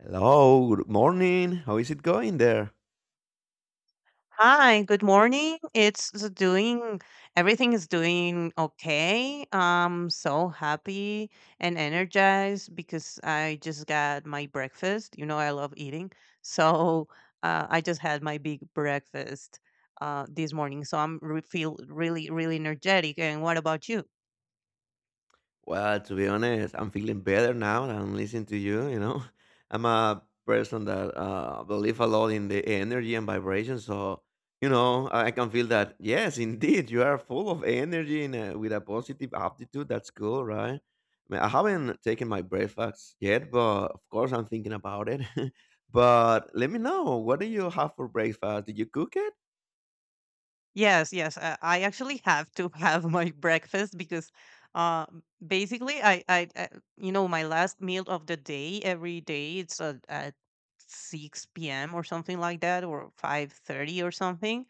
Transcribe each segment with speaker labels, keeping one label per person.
Speaker 1: Hello, good morning. How is it going there?
Speaker 2: Hi, good morning. Everything is doing okay. I'm so happy and energized because I just got my breakfast. You know, I love eating. So I just had my big breakfast this morning. So I'm re feel really, really energetic. And what about you?
Speaker 1: Well, to be honest, I'm feeling better now that I'm listening to you, you know. I'm a person that believe a lot in the energy and vibration, so you know, I can feel that yes, indeed, you are full of energy and with a positive aptitude. That's cool, right? I mean, I haven't taken my breakfast yet, but of course I'm thinking about it. But let me know, what do you have for breakfast? Did you cook it?
Speaker 2: Yes, yes. I actually have to have my breakfast because uh, basically, you know, my last meal of the day every day it's at 6 p.m. or something like that, or 5:30 or something.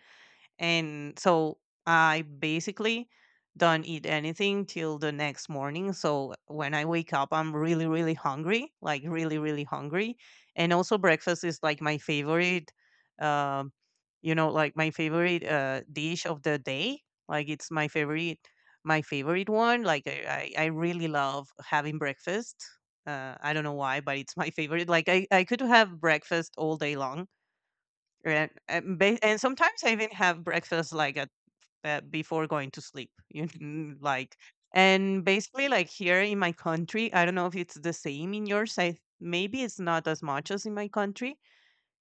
Speaker 2: And so I basically don't eat anything till the next morning. So when I wake up, I'm really, really hungry, like really, really hungry. And also, breakfast is like my favorite, uh, like my favorite dish of the day. Like it's my favorite one. Like I really love having breakfast. I don't know why, but it's my favorite. Like I could have breakfast all day long. Right. And sometimes I even have breakfast like at before going to sleep. You know, like and basically like here in my country, I don't know if it's the same in yours. I maybe it's not as much as in my country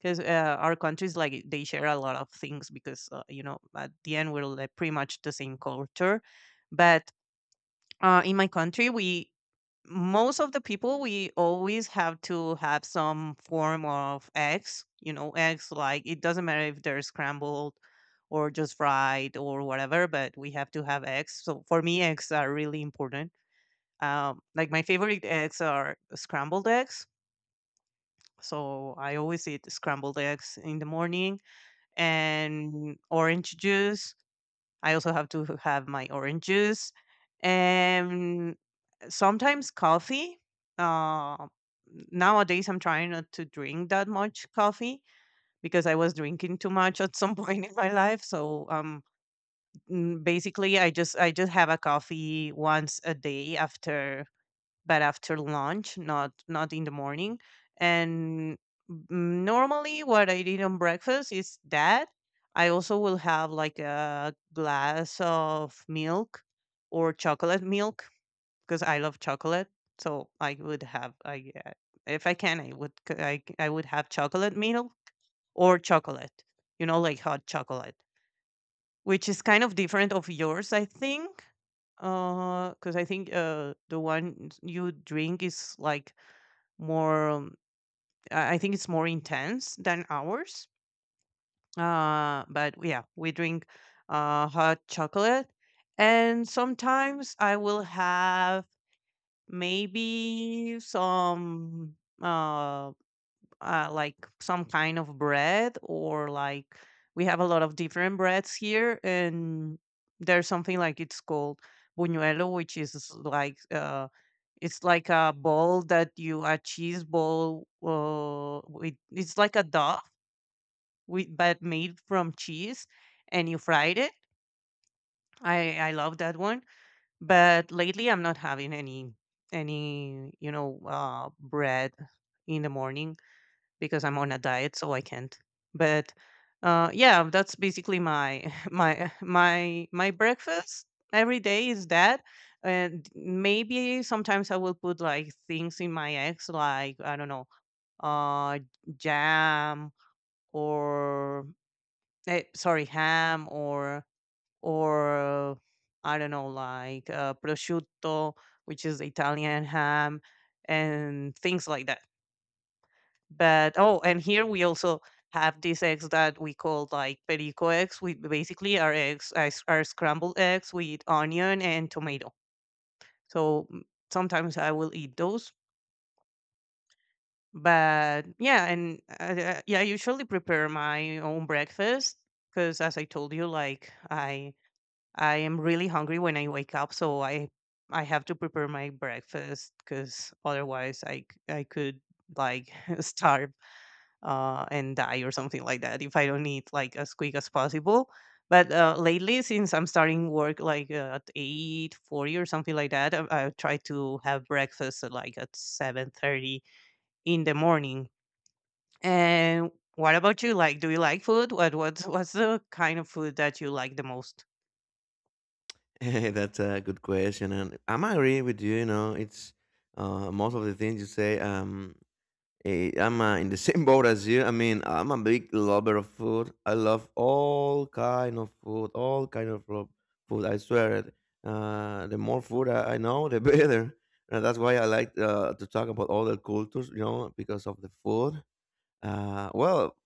Speaker 2: because our countries like they share a lot of things because you know, at the end, we're like pretty much the same culture. But in my country, we, most of the people, we always have to have some form of eggs, you know, eggs, like it doesn't matter if they're scrambled or just fried or whatever, but we have to have eggs. So for me, eggs are really important. Like my favorite eggs are scrambled eggs, so I always eat scrambled eggs in the morning and orange juice. I also have to have my orange juice and sometimes coffee. Uh, Nowadays, I'm trying not to drink that much coffee because I was drinking too much at some point in my life. So basically, I just have a coffee once a day after, but after lunch, not in the morning. And Normally, what I did on breakfast is that I also will have like a glass of milk or chocolate milk because I love chocolate. So I would have I if I can, I would c- I would have chocolate milk or chocolate, you know, like hot chocolate, which is kind of different of yours, I think. Because I think the one you drink is like more I think it's more intense than ours. But yeah, we drink hot chocolate, and sometimes I will have maybe some um like some kind of bread, or like we have a lot of different breads here, and there's something like it's called buñuelo, which is like it's like a ball that you a cheese ball it's like a dough but made from cheese, and you fried it. I love that one, but lately I'm not having any bread in the morning because I'm on a diet, so I can't. But yeah, that's basically my my breakfast every day is that, and maybe sometimes I will put like things in my eggs, like I don't know, uh, jam or, eh, sorry, ham or, or I don't know, like prosciutto, which is Italian ham, and things like that. But oh, and here we also have these eggs that we call like perico eggs. We basically are scrambled eggs with onion and tomato. So sometimes I will eat those. But yeah, and Yeah, I usually prepare my own breakfast because, as I told you, I am really hungry when I wake up, so I have to prepare my breakfast because otherwise I could like starve and die or something like that if I don't eat like as quick as possible. But lately, since I'm starting work like at 8:40 or something like that, I try to have breakfast at, like at 7:30 in the morning. And what about you? Like, do you like food? What's the kind of food that you like the most?
Speaker 1: That's a good question, and I'm agreeing with you. You know, it's most of the things you say. I'm in the same boat as you. I mean, I'm a big lover of food. I love all kind of food, all kind of food. I swear it. The more food I know, the better. And that's why I like to talk about other cultures. You know, because of the food. Well,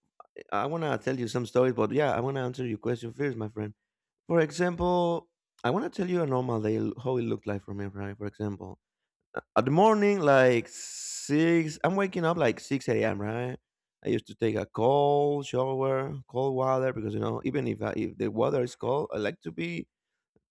Speaker 1: I wanna tell you some stories, but yeah, I wanna answer your question first, my friend. For example, I want to tell you a normal day how it looked like for me, right? For example, at the morning, like six, I'm waking up like six a.m. Right? I used to take a cold shower, cold water because you know, even if if the water is cold, I like to be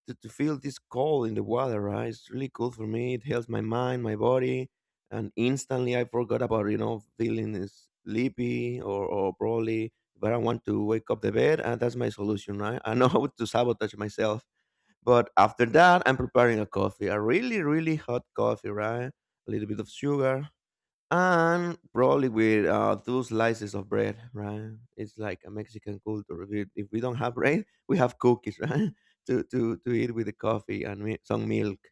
Speaker 1: to feel this cold in the water, right? It's really cool for me. It helps my mind, my body, and instantly I forgot about, you know, feeling sleepy or probably, but I want to wake up the bed, and that's my solution, right? I know how to sabotage myself, but after that, I'm preparing a coffee, a really hot coffee, right? A little bit of sugar, and probably with two slices of bread, right? It's like a Mexican culture. If, if we don't have bread, we have cookies, right? To eat with the coffee and some milk.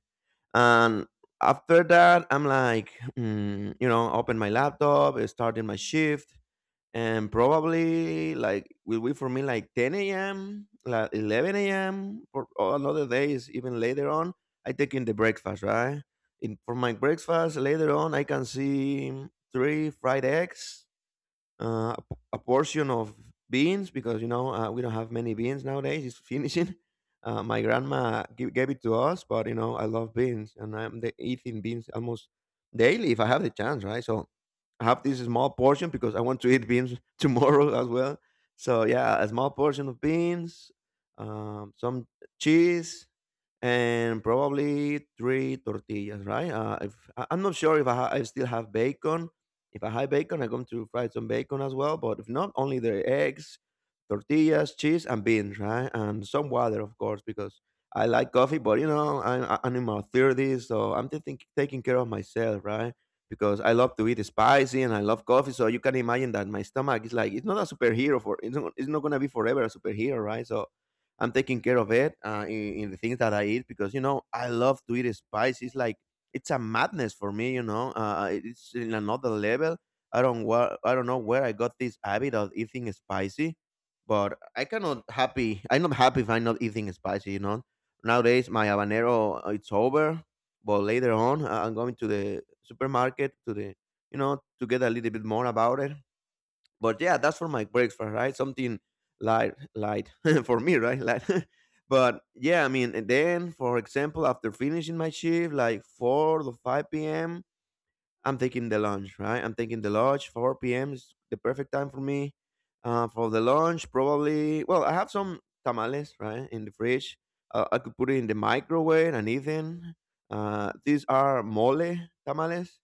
Speaker 1: And after that, I'm like, you know, open my laptop, starting my shift, and probably like will be for me like 10 a.m like 11 a.m or another days even later on I take in the breakfast, right? In for my breakfast later on I can see three fried eggs, a portion of beans because you know we don't have many beans nowadays. It's finishing. My grandma gave it to us, but you know I love beans and I'm the, eating beans almost daily if I have the chance, right? So I have this small portion because I want to eat beans tomorrow as well. So yeah, a small portion of beans, some cheese, and probably three tortillas, right? If I- I'm not sure if I still have bacon. If I have bacon, I'm going to fry some bacon as well. But if not, only the eggs, tortillas, cheese, and beans, right? And some water, of course, because I like coffee. But you know, I'm in my 30s, so I'm thinking, taking care of myself, right? Because I love to eat spicy and I love coffee, so you can imagine that my stomach is like, it's not a superhero for, it's not gonna be forever a superhero, right? So I'm taking care of it in the things that I eat because you know I love to eat spicy. It's like it's a madness for me, you know. It's in another level. I don't know where I got this habit of eating spicy, but I cannot happy. I'm not happy if I'm not eating spicy, you know. Nowadays, my habanero it's over, but later on, I'm going to the supermarket to the, you know, to get a little bit more about it. But yeah, that's for my breakfast, right? Something light, light for me, right? Light. But yeah, I mean, and then for example, after finishing my shift, like four to five p.m. I'm taking the lunch, right? I'm taking the lunch. 4 p.m. is the perfect time for me. For the lunch, probably. Well, I have some tamales, right, in the fridge. I could put it in the microwave and eat them. These are mole tamales,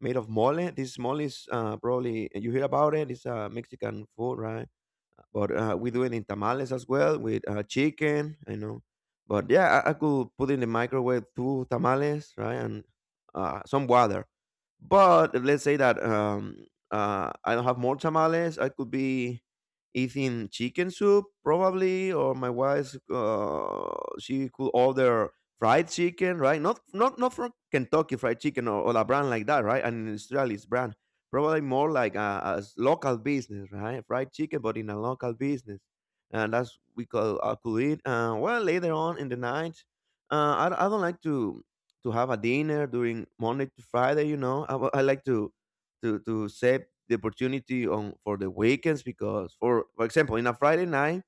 Speaker 1: made of mole. This mole is probably you hear about it. It's Mexican food, right? But we do it in tamales as well with chicken, you know. But yeah, I could put in the microwave two tamales, right, and some water. But if let's say that I don't have more tamales, I could be eating chicken soup probably, or my wife she could order fried chicken, right? Not from Kentucky Fried Chicken, or a brand like that, right? An industrialist brand, probably more like a local business, right? Fried chicken, but in a local business, and that's we call I could eat. Well, later on in the night, I don't like to have a dinner during Monday to Friday. You know, I like to save the opportunity on for the weekends because, for example, in a Friday night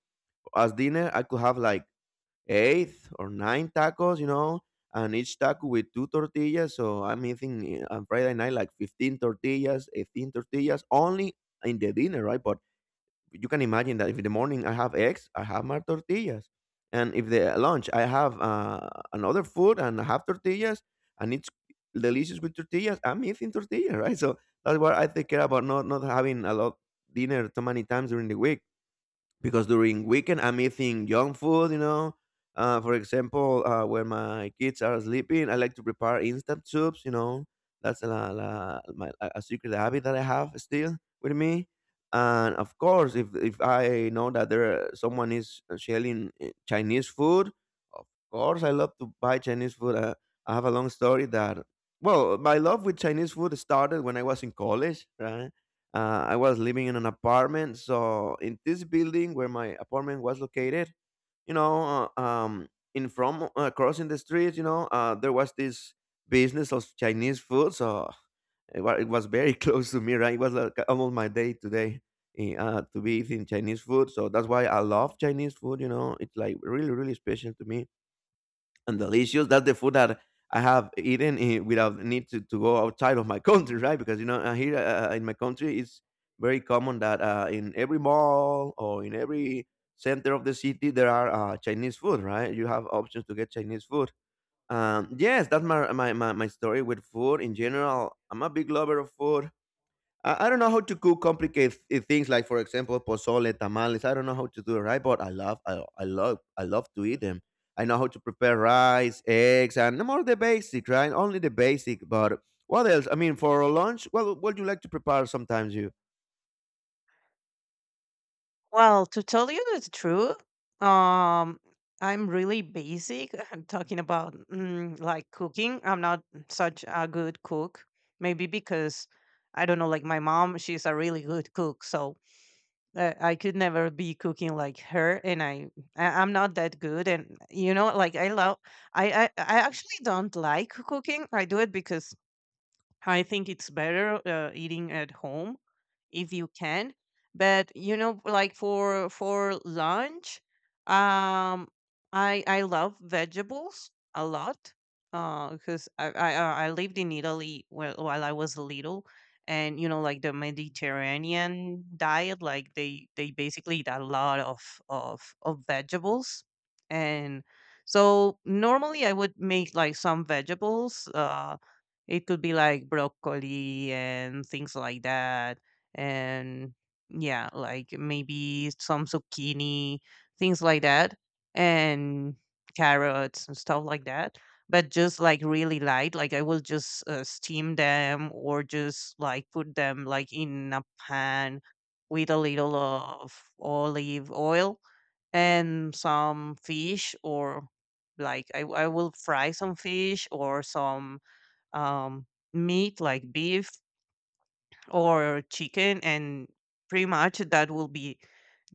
Speaker 1: as dinner, I could have like 8 or 9 tacos. You know, and each taco with 2 tortillas. So I'm eating on Friday night like 15 tortillas, 18 tortillas only in the dinner, right? But you can imagine that if in the morning I have eggs, I have my tortillas, and if the lunch I have another food and I have tortillas, and it's delicious with tortillas, I'm eating tortillas, right? So that's what I take care about, not having a lot dinner too many times during the week because during weekend I'm eating junk food, you know. For example, when my kids are sleeping, I like to prepare instant soups. You know, that's a secret habit that I have still with me. And of course, if I know that there someone is selling Chinese food, of course I love to buy Chinese food. I have a long story that, well, my love with Chinese food started when I was in college, right? I was living in an apartment, so in this building where my apartment was located, you know, in from crossing the street, you know, there was this business of Chinese food, so it was very close to me, right? It was like almost my day today to be eating Chinese food, so that's why I love Chinese food. You know, it's like really, really special to me and delicious. That's the food that I have eaten without need to go outside of my country, right? Because you know here in my country, it's very common that in every mall or in every center of the city there are Chinese food, right? You have options to get Chinese food. Yes, that's my my story with food in general. I'm a big lover of food. I don't know how to cook complicated things like, for example, pozole, tamales. I don't know how to do it right, but I love, I love, I love to eat them. I know how to prepare rice, eggs, and more the basic, right? Only the basic. But what else? I mean, for lunch, well, what do you like to prepare sometimes? You
Speaker 2: Well, to tell you the truth, um, I'm really basic. I'm talking about like cooking. I'm not such a good cook. Maybe because I don't know, like my mom, she's a really good cook, so I could never be cooking like her, and I'm not that good. And you know, like I love, I actually don't like cooking. I do it because I think it's better eating at home if you can. But you know, like for lunch, um, I love vegetables a lot because I lived in Italy while I was little, and you know, like the Mediterranean diet, like they basically eat a lot of vegetables, and so normally I would make like some vegetables. It could be like broccoli and things like that, and yeah, like maybe some zucchini, things like that, and carrots and stuff like that. But just like really light, like I will just steam them or just like put them like in a pan with a little of olive oil and some fish, or like I will fry some fish or some um, meat like beef or chicken, and pretty much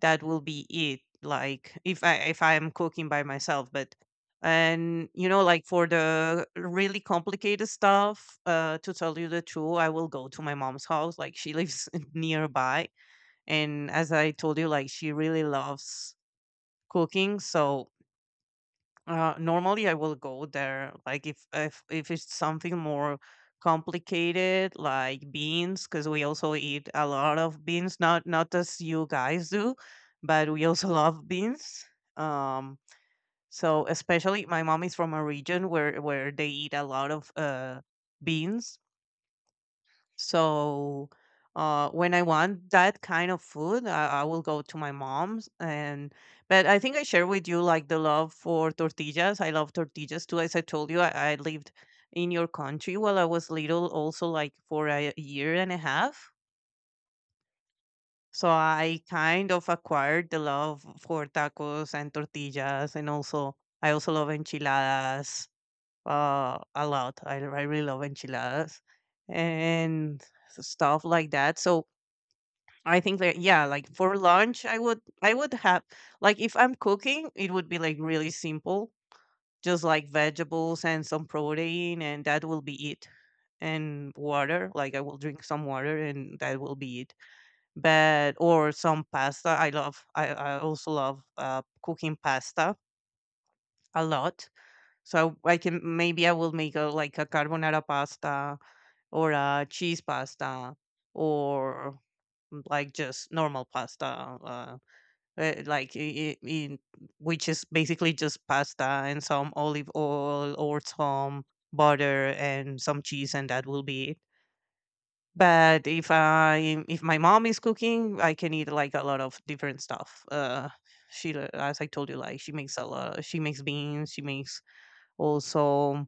Speaker 2: that will be it. Like if I, if I am cooking by myself. But and you know, like for the really complicated stuff, to tell you the truth, I will go to my mom's house. Like she lives nearby, and as I told you, like she really loves cooking. So normally I will go there. Like if it's something more complicated, like beans, because we also eat a lot of beans. Not as you guys do, but we also love beans. Um, so especially my mom is from a region where they eat a lot of beans. So when I want that kind of food, I will go to my mom's. And but I think I share with you like the love for tortillas. I love tortillas too. As I told you, I lived in your country while I was little, also like for a year and a half. So I kind of acquired the love for tacos and tortillas, and also I also love enchiladas a lot. I really love enchiladas and stuff like that. So I think that yeah, like for lunch, I would have, like if I'm cooking, it would be like really simple, just like vegetables and some protein, and that will be it. And water, like I will drink some water, and that will be it. But or some pasta. I also love cooking pasta a lot. So I can, maybe I will make a like a carbonara pasta or a cheese pasta, or like just normal pasta. Uh, like I- in Which is basically just pasta and some olive oil or some butter and some cheese, and that will be it. But if my mom is cooking, I can eat like a lot of different stuff. As I told you, like she makes a lot, she makes beans, she makes also,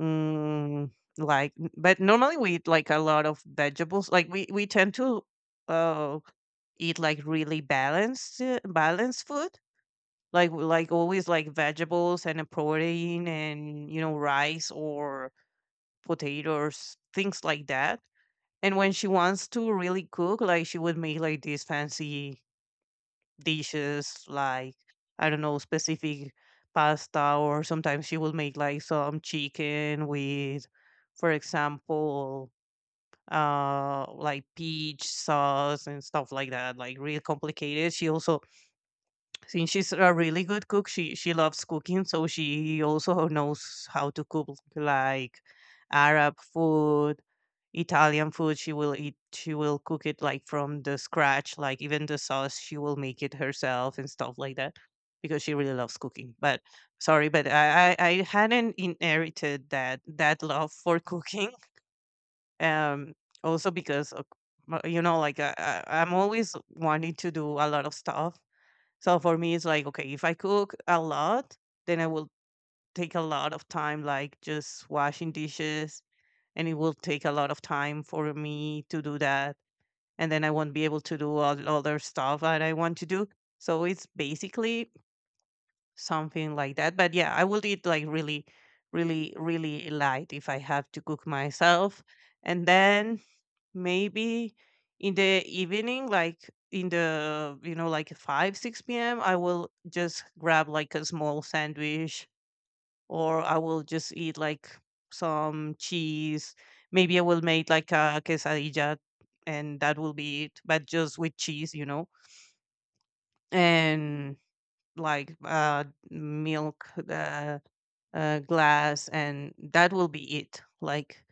Speaker 2: mm, like but normally we eat like a lot of vegetables, like we tend to uh eat like really balanced balanced food, like always like vegetables and a protein, and you know, rice or potatoes, things like that. And when she wants to really cook, like she would make like these fancy dishes, like I don't know, specific pasta, or sometimes she would make like some chicken with, for example, like peach sauce and stuff like that, like real complicated. She also, since she's a really good cook, she loves cooking, so she also knows how to cook like Arab food, Italian food. She will eat. She will cook it like from the scratch, like even the sauce, she will make it herself and stuff like that, because she really loves cooking. But sorry, but I hadn't inherited that love for cooking. Um, Also because of, you know, like I'm always wanting to do a lot of stuff. So for me, it's like, okay, if I cook a lot, then I will take a lot of time, like just washing dishes, and it will take a lot of time for me to do that. And then I won't be able to do all the other stuff that I want to do. So it's basically something like that. But yeah, I will eat like really, really, really light if I have to cook myself. And then maybe in the evening, like in the like 5 6 p.m. I will just grab like a small sandwich, or I will just eat like some cheese. Maybe I will make like a quesadilla, and that will be it, but just with cheese, and like milk, glass, and that will be it. like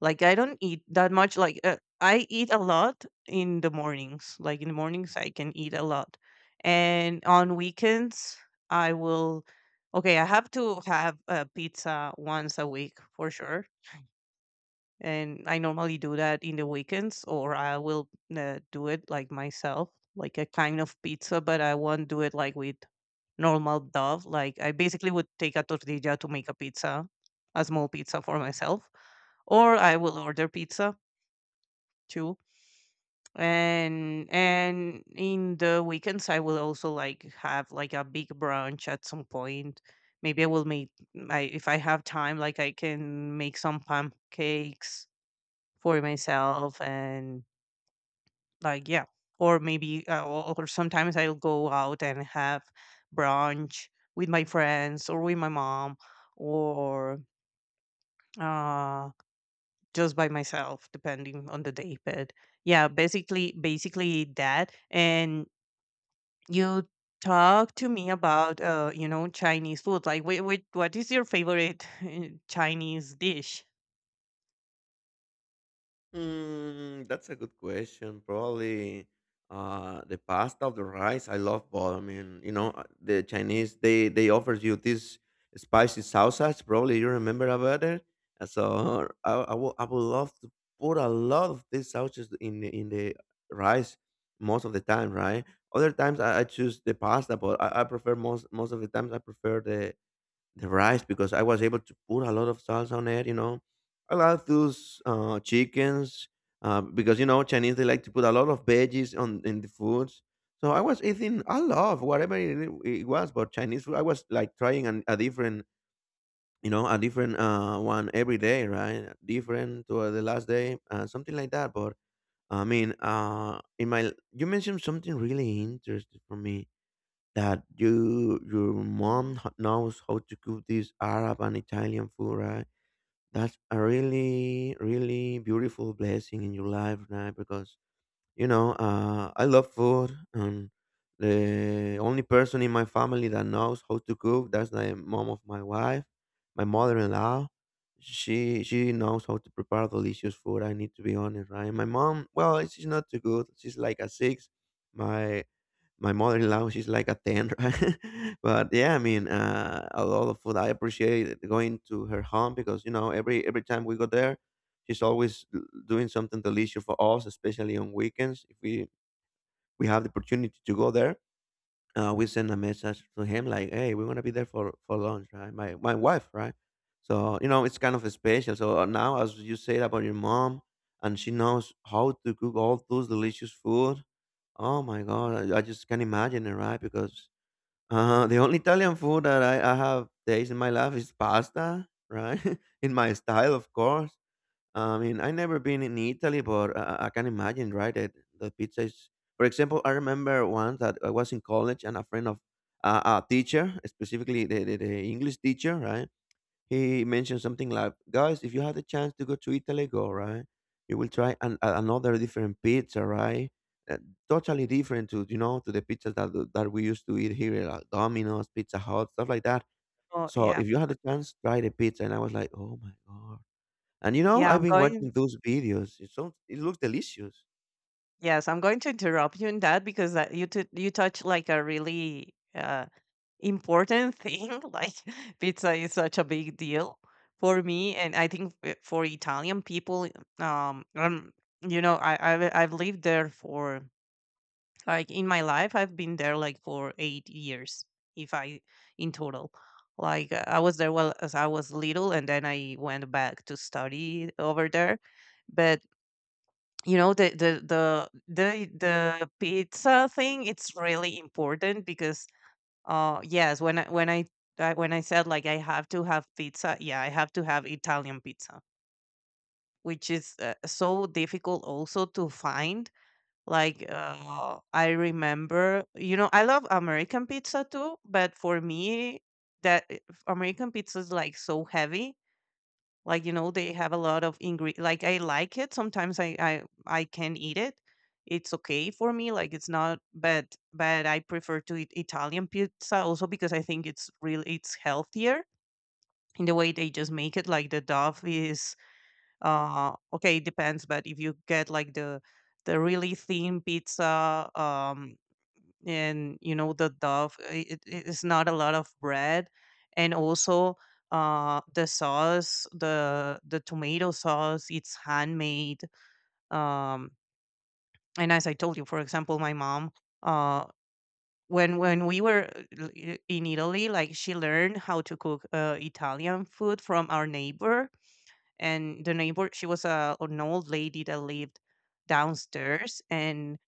Speaker 2: like I don't eat that much. Like I eat a lot in the mornings. Like in the mornings I can eat a lot. And on weekends I will, okay, I have to have a pizza once a week for sure, and I normally do that in the weekends, or I will do it like myself, like a kind of pizza, but I won't do it like with normal dough. Like I basically would take a tortilla to make a pizza, a small pizza for myself, or I will order pizza too. And in the weekends, I will also like have like a big brunch at some point. Maybe I will make, I, if I have time, like I can make some pancakes for myself. And like yeah, or maybe or sometimes I'll go out and have brunch with my friends or with my mom, or uh just by myself depending on the day. But yeah, basically that. And you, talk to me about Chinese food. Like wait, wait, what is your favorite Chinese dish?
Speaker 1: mm, that's a good question. Probably the pasta or the rice. I love both. I mean, you know, the Chinese, they offer you this spicy sausage. Probably you remember about it. So I would love to put a lot of this sausage in the rice most of the time, right? Other times I choose the pasta, but I prefer most of the times I prefer the rice because I was able to put a lot of salsa on it. You know, I love those chickens because you know Chinese they like to put a lot of veggies on in the foods. So I was eating a lot of whatever it was, but Chinese food. I was like trying a different, you know, a different one every day, right? Different to the last day, something like that. But I mean, in my you mentioned something really interesting for me that you your mom knows how to cook this Arab and Italian food, right? That's a really, really beautiful blessing in your life, right? Because I love food, and the only person in my family that knows how to cook, that's the mom of my wife, my mother-in-law. She knows how to prepare delicious food. I need to be honest, right? My mom, well, she's not too good. She's like a six. My my mother-in-law, she's like a 10 right? But a lot of food, I appreciate going to her home because every time we go there, she's always doing something delicious for us, especially on weekends if we have the opportunity to go there. We send a message to him like, "Hey, we're gonna be there for lunch, right?" My wife, right? So you know, it's kind of special. So now, as you said about your mom and she knows how to cook all those delicious food. Oh my god, I just can't imagine it, right? Because the only Italian food that I have tasted in my life is pasta, right? In my style, of course. I mean, I never been in Italy, but I can imagine, right? That the pizza is, for example, I remember once that I was in college and a friend of a teacher, specifically the English teacher, right? He mentioned something like, "Guys, if you had the chance to go to Italy, go right. You will try another different pizza, right? Uh, Totally different to, you know, to the pizzas that we used to eat here, like Domino's, Pizza Hut, stuff like that.
Speaker 2: Oh
Speaker 1: So
Speaker 2: yeah,
Speaker 1: if you had a chance, try the pizza." And I was like, "Oh my god!" And you know,
Speaker 2: yeah
Speaker 1: I've
Speaker 2: I'm
Speaker 1: been
Speaker 2: going
Speaker 1: watching those videos. It's sounds, it looks delicious.
Speaker 2: Yes, I'm going to interrupt you in that, because that you you touch like a really important thing. Like pizza is such a big deal for me, and I think for Italian people, um, you know, I've lived there for, like in my life, I've been there like for 8 years, if I in total. Like I was there well as I was little, and then I went back to study over there. But you know the pizza thing, it's really important because yes, when I said like I have to have pizza, yeah, I have to have Italian pizza, which is so difficult also to find. Like I remember, you know, I love American pizza too, but for me, that American pizza is like so heavy. Like, you know, they have a lot of ingre, like, I like it. Sometimes I can eat it. It's okay for me. Like, it's not, but I prefer to eat Italian pizza, also because I think it's real. It's healthier in the way they just make it. Like the dough is okay, it depends. But if you get like the really thin pizza, and you know the dove, it, it is not a lot of bread. And also the sauce, the tomato sauce, it's handmade. Um, and as I told you, for example, my mom, uh when we were in Italy, like she learned how to cook Italian food from our neighbor. And the neighbor, she was a, an old lady that lived downstairs. And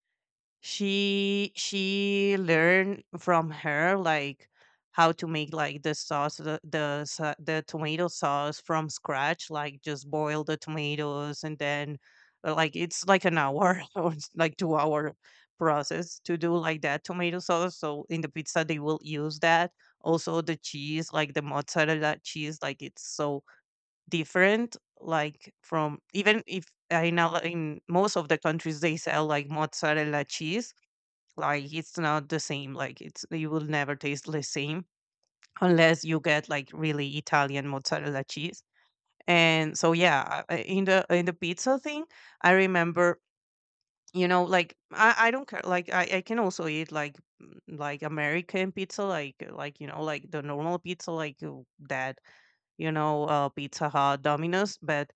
Speaker 2: she learned from her like how to make like the sauce, the tomato sauce from scratch, like just boil the tomatoes and then like it's like an hour or it's like 2 hour process to do like that tomato sauce. So in the pizza they will use that. Also the cheese, like the mozzarella cheese, like it's so different, like from, even if I know in most of the countries they sell like mozzarella cheese, like it's not the same. Like it's, you will never taste the same unless you get like really Italian mozzarella cheese. And so yeah, in the, in the pizza thing, I remember, you know, like I don't care. Like I can also eat like mm, like American pizza, like, you know, like the normal pizza, like that, you know, Pizza Hut, Domino's. But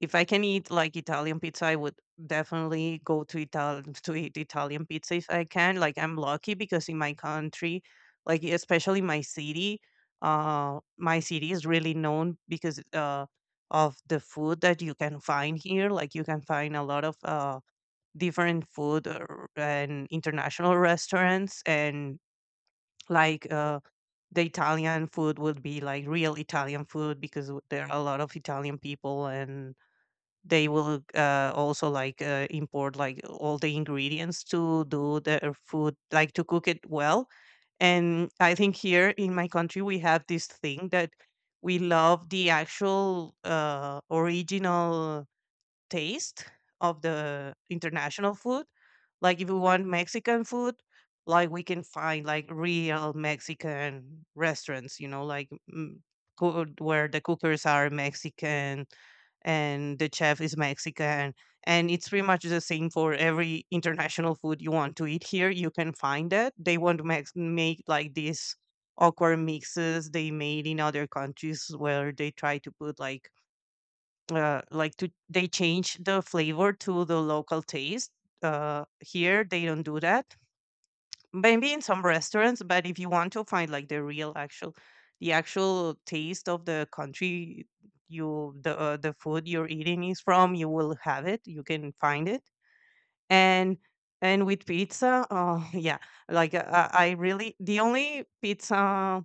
Speaker 2: if I can eat like Italian pizza, I would definitely go to Ital to eat Italian pizza if I can. Like I'm lucky because in my country, like especially my city is really known because of the food that you can find here. Like you can find a lot of different food or, and international restaurants, and like the Italian food would be like real Italian food, because there are a lot of Italian people, and they will also like import like all the ingredients to do their food, like to cook it well. And I think here in my country we have this thing that we love the actual original taste of the international food. Like if you want Mexican food, like we can find like real Mexican restaurants, you know, like mm, where the cookers are Mexican and the chef is Mexican. And it's pretty much the same for every international food you want to eat here. You can find it. They want to make, make like these awkward mixes they made in other countries where they try to put like to, they change the flavor to the local taste. Here they don't do that. Maybe in some restaurants, but if you want to find like the real actual, the actual taste of the country, you, the food you're eating is from, you will have it, you can find it. and and with pizza, oh yeah, like I really, the only pizza,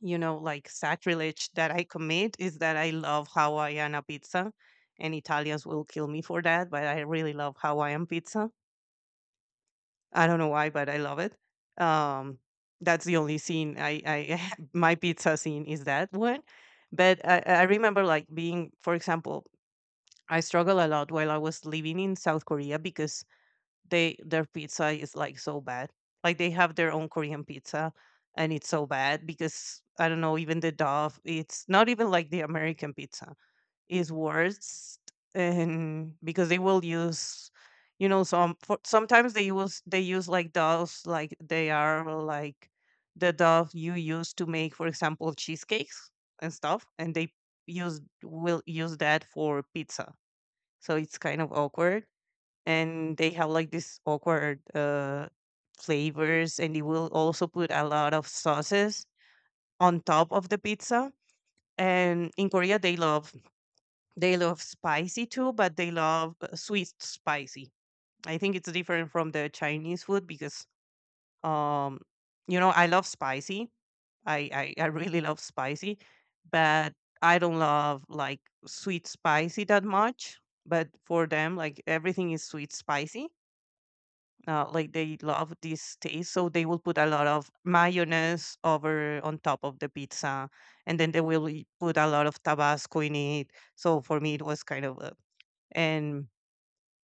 Speaker 2: you know, like sacrilege that I commit is that I love Hawaiiana pizza, and Italians will kill me for that, but I really love Hawaiian pizza. I don't know why, but I love it. Um, that's the only scene I my pizza scene is that one. But I remember like being, for example, I struggle a lot while I was living in South Korea, because they, their pizza is like so bad. Like they have their own Korean pizza, and it's so bad because I don't know, even the Dove, it's not even like the American pizza. It's worse, and because they will use, you know, some for, sometimes they use, they use like Doves, like they are like the Dove you use to make, for example, cheesecakes and stuff, and they use, will use that for pizza. So it's kind of awkward, and they have like this awkward flavors, and they will also put a lot of sauces on top of the pizza. And in Korea they love, they love spicy too, but they love sweet spicy. I think it's different from the Chinese food because um, you know, I love spicy, I really love spicy, but I don't love like sweet spicy that much. But for them, like everything is sweet spicy. Like they love this taste, so they will put a lot of mayonnaise over on top of the pizza, and then they will put a lot of Tabasco in it. So for me, it was kind of a, and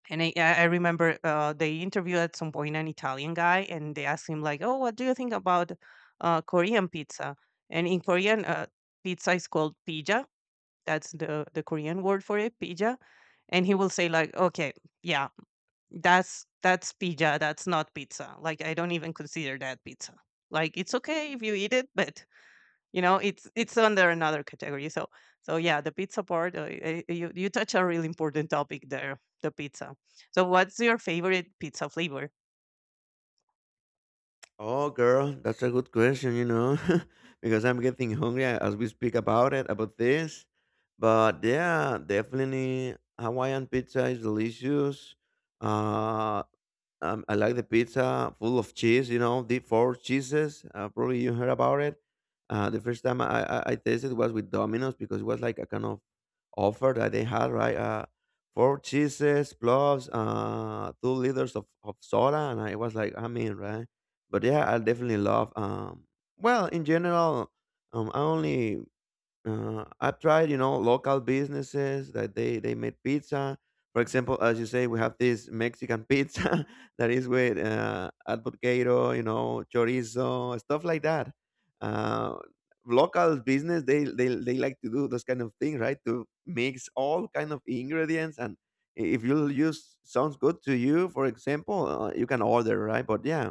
Speaker 2: and I, I remember they interviewed at some point an Italian guy, and they asked him like, "Oh, what do you think about Korean pizza?" And in Korean, pizza is called pija. That's the Korean word for it, pija. And he will say like, "Okay, yeah, that's pizza, that's not pizza. Like I don't even consider that pizza. Like it's okay if you eat it, but you know, it's under another category." So so yeah, the pizza part, you, you touch a really important topic there, the pizza. So what's your favorite pizza flavor?
Speaker 1: Oh, girl, that's a good question, you know, because I'm getting hungry as we speak about it, about this. But yeah, definitely Hawaiian pizza is delicious. Uh, I like the pizza full of cheese, you know, deep four cheeses. Probably you heard about it. The first time I tasted was with Domino's because it was like a kind of offer that they had, right? Four cheeses plus 2 liters of soda. And I was like, I'm in, right? But yeah, I definitely love, well, in general, I only I've tried, you know, local businesses that they make pizza. For example, as you say, we have this Mexican pizza that is with advocado, you know, chorizo, stuff like that. Uh, local business, they like to do those kind of things, right? To mix all kind of ingredients, and if you use sounds good to you, for example, you can order, right? But yeah,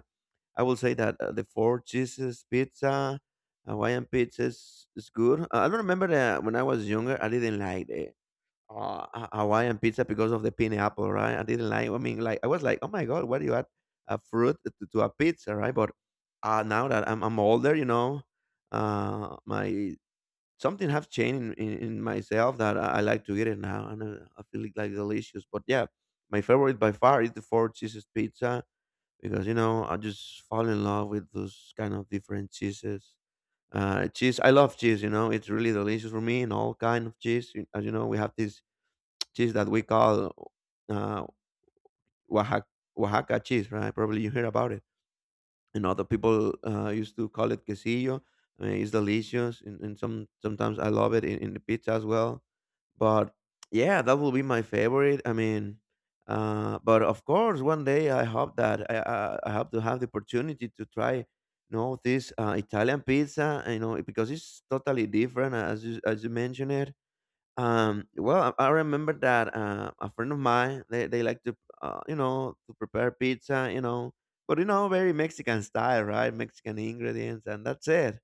Speaker 1: I will say that the four cheeses pizza, Hawaiian pizza is good. I don't remember that when I was younger, I didn't like the Hawaiian pizza because of the pineapple, right? I didn't like. I mean, like I was like, oh my god, why do you add a fruit to a pizza, right? But now that I'm older, you know, my something have changed in myself that I like to eat it now, and I feel it like delicious. But yeah, my favorite by far is the four cheeses pizza because you know I just fall in love with those kind of different cheeses. Cheese, I love cheese. You know, it's really delicious for me, and all kind of cheese. You- As you know, we have this cheese that we call uh, Oaxaca, Oaxaca cheese, right? Probably you heard about it, and other people used to call it quesillo. I mean, it's delicious, and some sometimes I love it in the pizza as well. But yeah, that will be my favorite. I mean, but of course, one day I hope that I hope to have the opportunity to try, you know, this Italian pizza. You know, because it's totally different, as you mentioned it. Well, I remember that a friend of mine, they like to you know, to prepare pizza, you know, but you know, very Mexican style, right? Mexican ingredients, and that's it.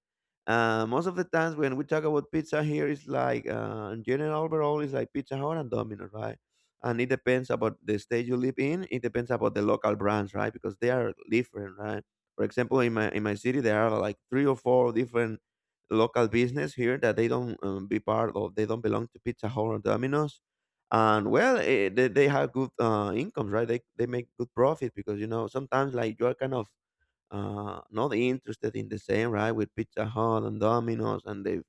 Speaker 1: Most of the times when we talk about pizza here, it's like in general overall, it's like Pizza Hut and Domino's, right? And it depends about the state you live in. It depends about the local brands, right? Because they are different, right? For example, in my city, there are like three or four different local business here that they don't be part of. They don't belong to Pizza Hut or Domino's. And well, they have good incomes, right? They make good profit because, you know, sometimes like you are kind of not interested in the same, right? With Pizza Hut and Domino's and the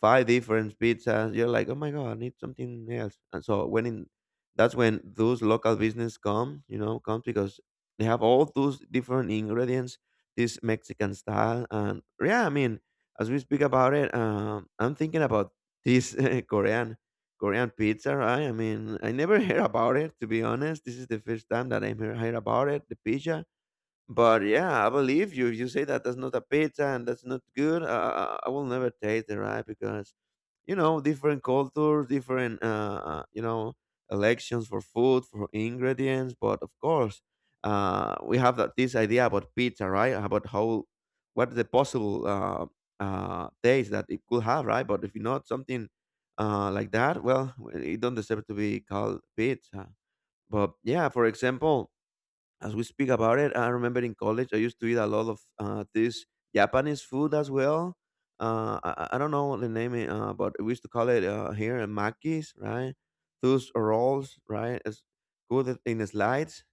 Speaker 1: five different pizzas. You're like, oh my god, I need something else. And so when in that's when those local business come, you know, comes because they have all those different ingredients, this Mexican style. And yeah, I mean, as we speak about it, I'm thinking about this Korean Korean pizza, right? I mean, I never heard about it, to be honest. This is the first time that I heard about it, the pizza. But yeah, I believe you. If you say that that's not a pizza and that's not good, I will never taste it, right? Because you know, different cultures, different you know, elections for food, for ingredients. But of course, we have that, this idea about pizza, right? About how, what the possible taste that it could have, right? But if you not something like that, well, it don't deserve to be called pizza. But yeah, for example, as we speak about it, I remember in college I used to eat a lot of this Japanese food as well. I don't know the name, but we used to call it here makis, right? Those rolls, right? It's good in the slides.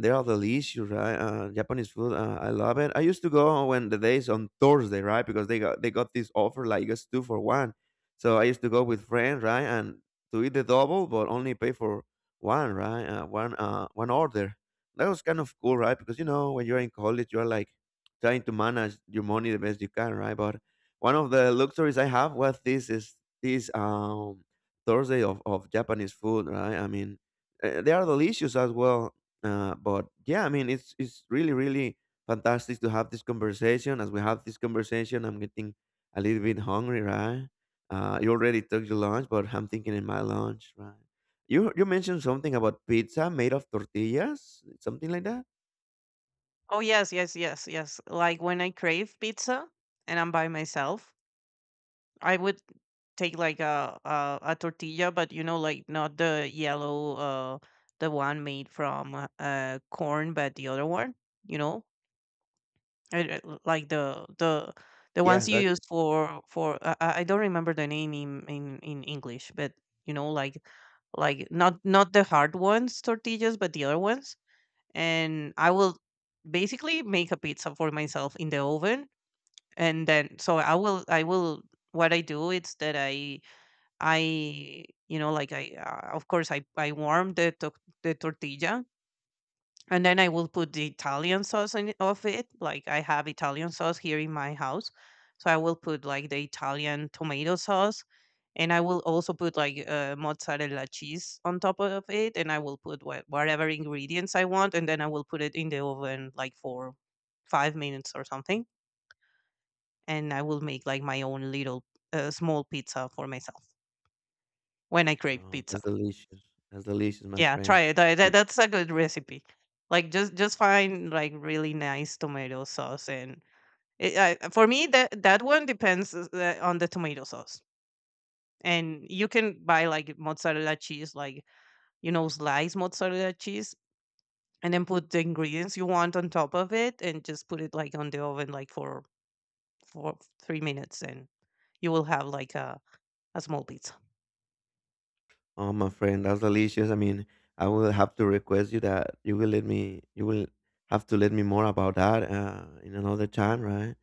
Speaker 1: They are delicious, right? Japanese food, I love it. I used to go when the days on Thursday, right? Because they got this offer like it's two for one. So I used to go with friends, right, and to eat the double, but only pay for one, right? One, one order. That was kind of cool, right? Because you know, when you're in college, you're like trying to manage your money the best you can, right? But one of the luxuries I have was this Thursday of Japanese food, right? I mean, they are delicious as well. But yeah, I mean, it's really really fantastic to have this conversation. As we have this conversation, I'm getting a little bit hungry, right? You already took your lunch, but I'm thinking in my lunch, right? You mentioned something about pizza made of tortillas, something like that?
Speaker 2: Oh yes, yes, yes, yes. Like when I crave pizza and I'm by myself, I would take like a tortilla, but you know, like not the yellow, the one made from corn, but the other one, you know, like the, the
Speaker 1: Yeah,
Speaker 2: ones you use
Speaker 1: gotcha.
Speaker 2: for I don't remember the name in English, but you know, like not not the hard ones tortillas, but the other ones. And I will basically make a pizza for myself in the oven, and then so I will, I will, what I do is that I, you know, like I, of course, I warm the the tortilla, and then I will put the Italian sauce in of it. Like I have Italian sauce here in my house, so I will put like the Italian tomato sauce, and I will also put like mozzarella cheese on top of it, and I will put what, whatever ingredients I want, and then I will put it in the oven like for 5 minutes or something, and I will make like my own little small pizza for myself when I crave
Speaker 1: Oh,
Speaker 2: pizza.
Speaker 1: that's delicious. That's delicious, my
Speaker 2: Yeah, try
Speaker 1: friend.
Speaker 2: it. That's a good recipe. Like, just find, like, really nice tomato sauce, and it, I for me, that that one depends is the on the tomato sauce. And you can buy, like, mozzarella cheese, like, you know, slice mozzarella cheese, and then put the ingredients you want on top of it and just put it, like, on the oven, like, for 3 minutes, and you will have, like, a small pizza.
Speaker 1: Oh, my friend, that's delicious. I mean, I will have to request you that you will let me, you will have to let me more about that in another time, right?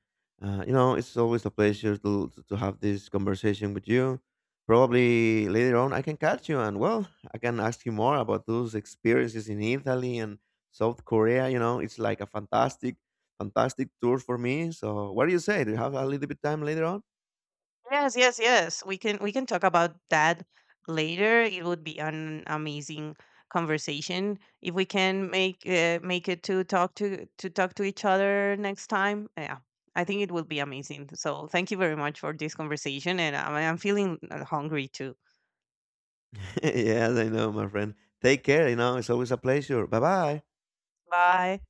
Speaker 1: You know, it's always a pleasure to have this conversation with you. Probably later on, I can catch you and, well, I can ask you more about those experiences in Italy and South Korea. You know, it's like a fantastic, fantastic tour for me. So, what do you say? Do you have a little bit time later on?
Speaker 2: Yes, yes, yes. We can talk about that later. It would be an amazing conversation if we can make make it to talk to each other next time. Yeah. I think it will be amazing. So, thank you very much for this conversation, and I'm feeling hungry too.
Speaker 1: Yes, I know, my friend. Take care. You know, it's always a pleasure. Bye bye.
Speaker 2: Bye.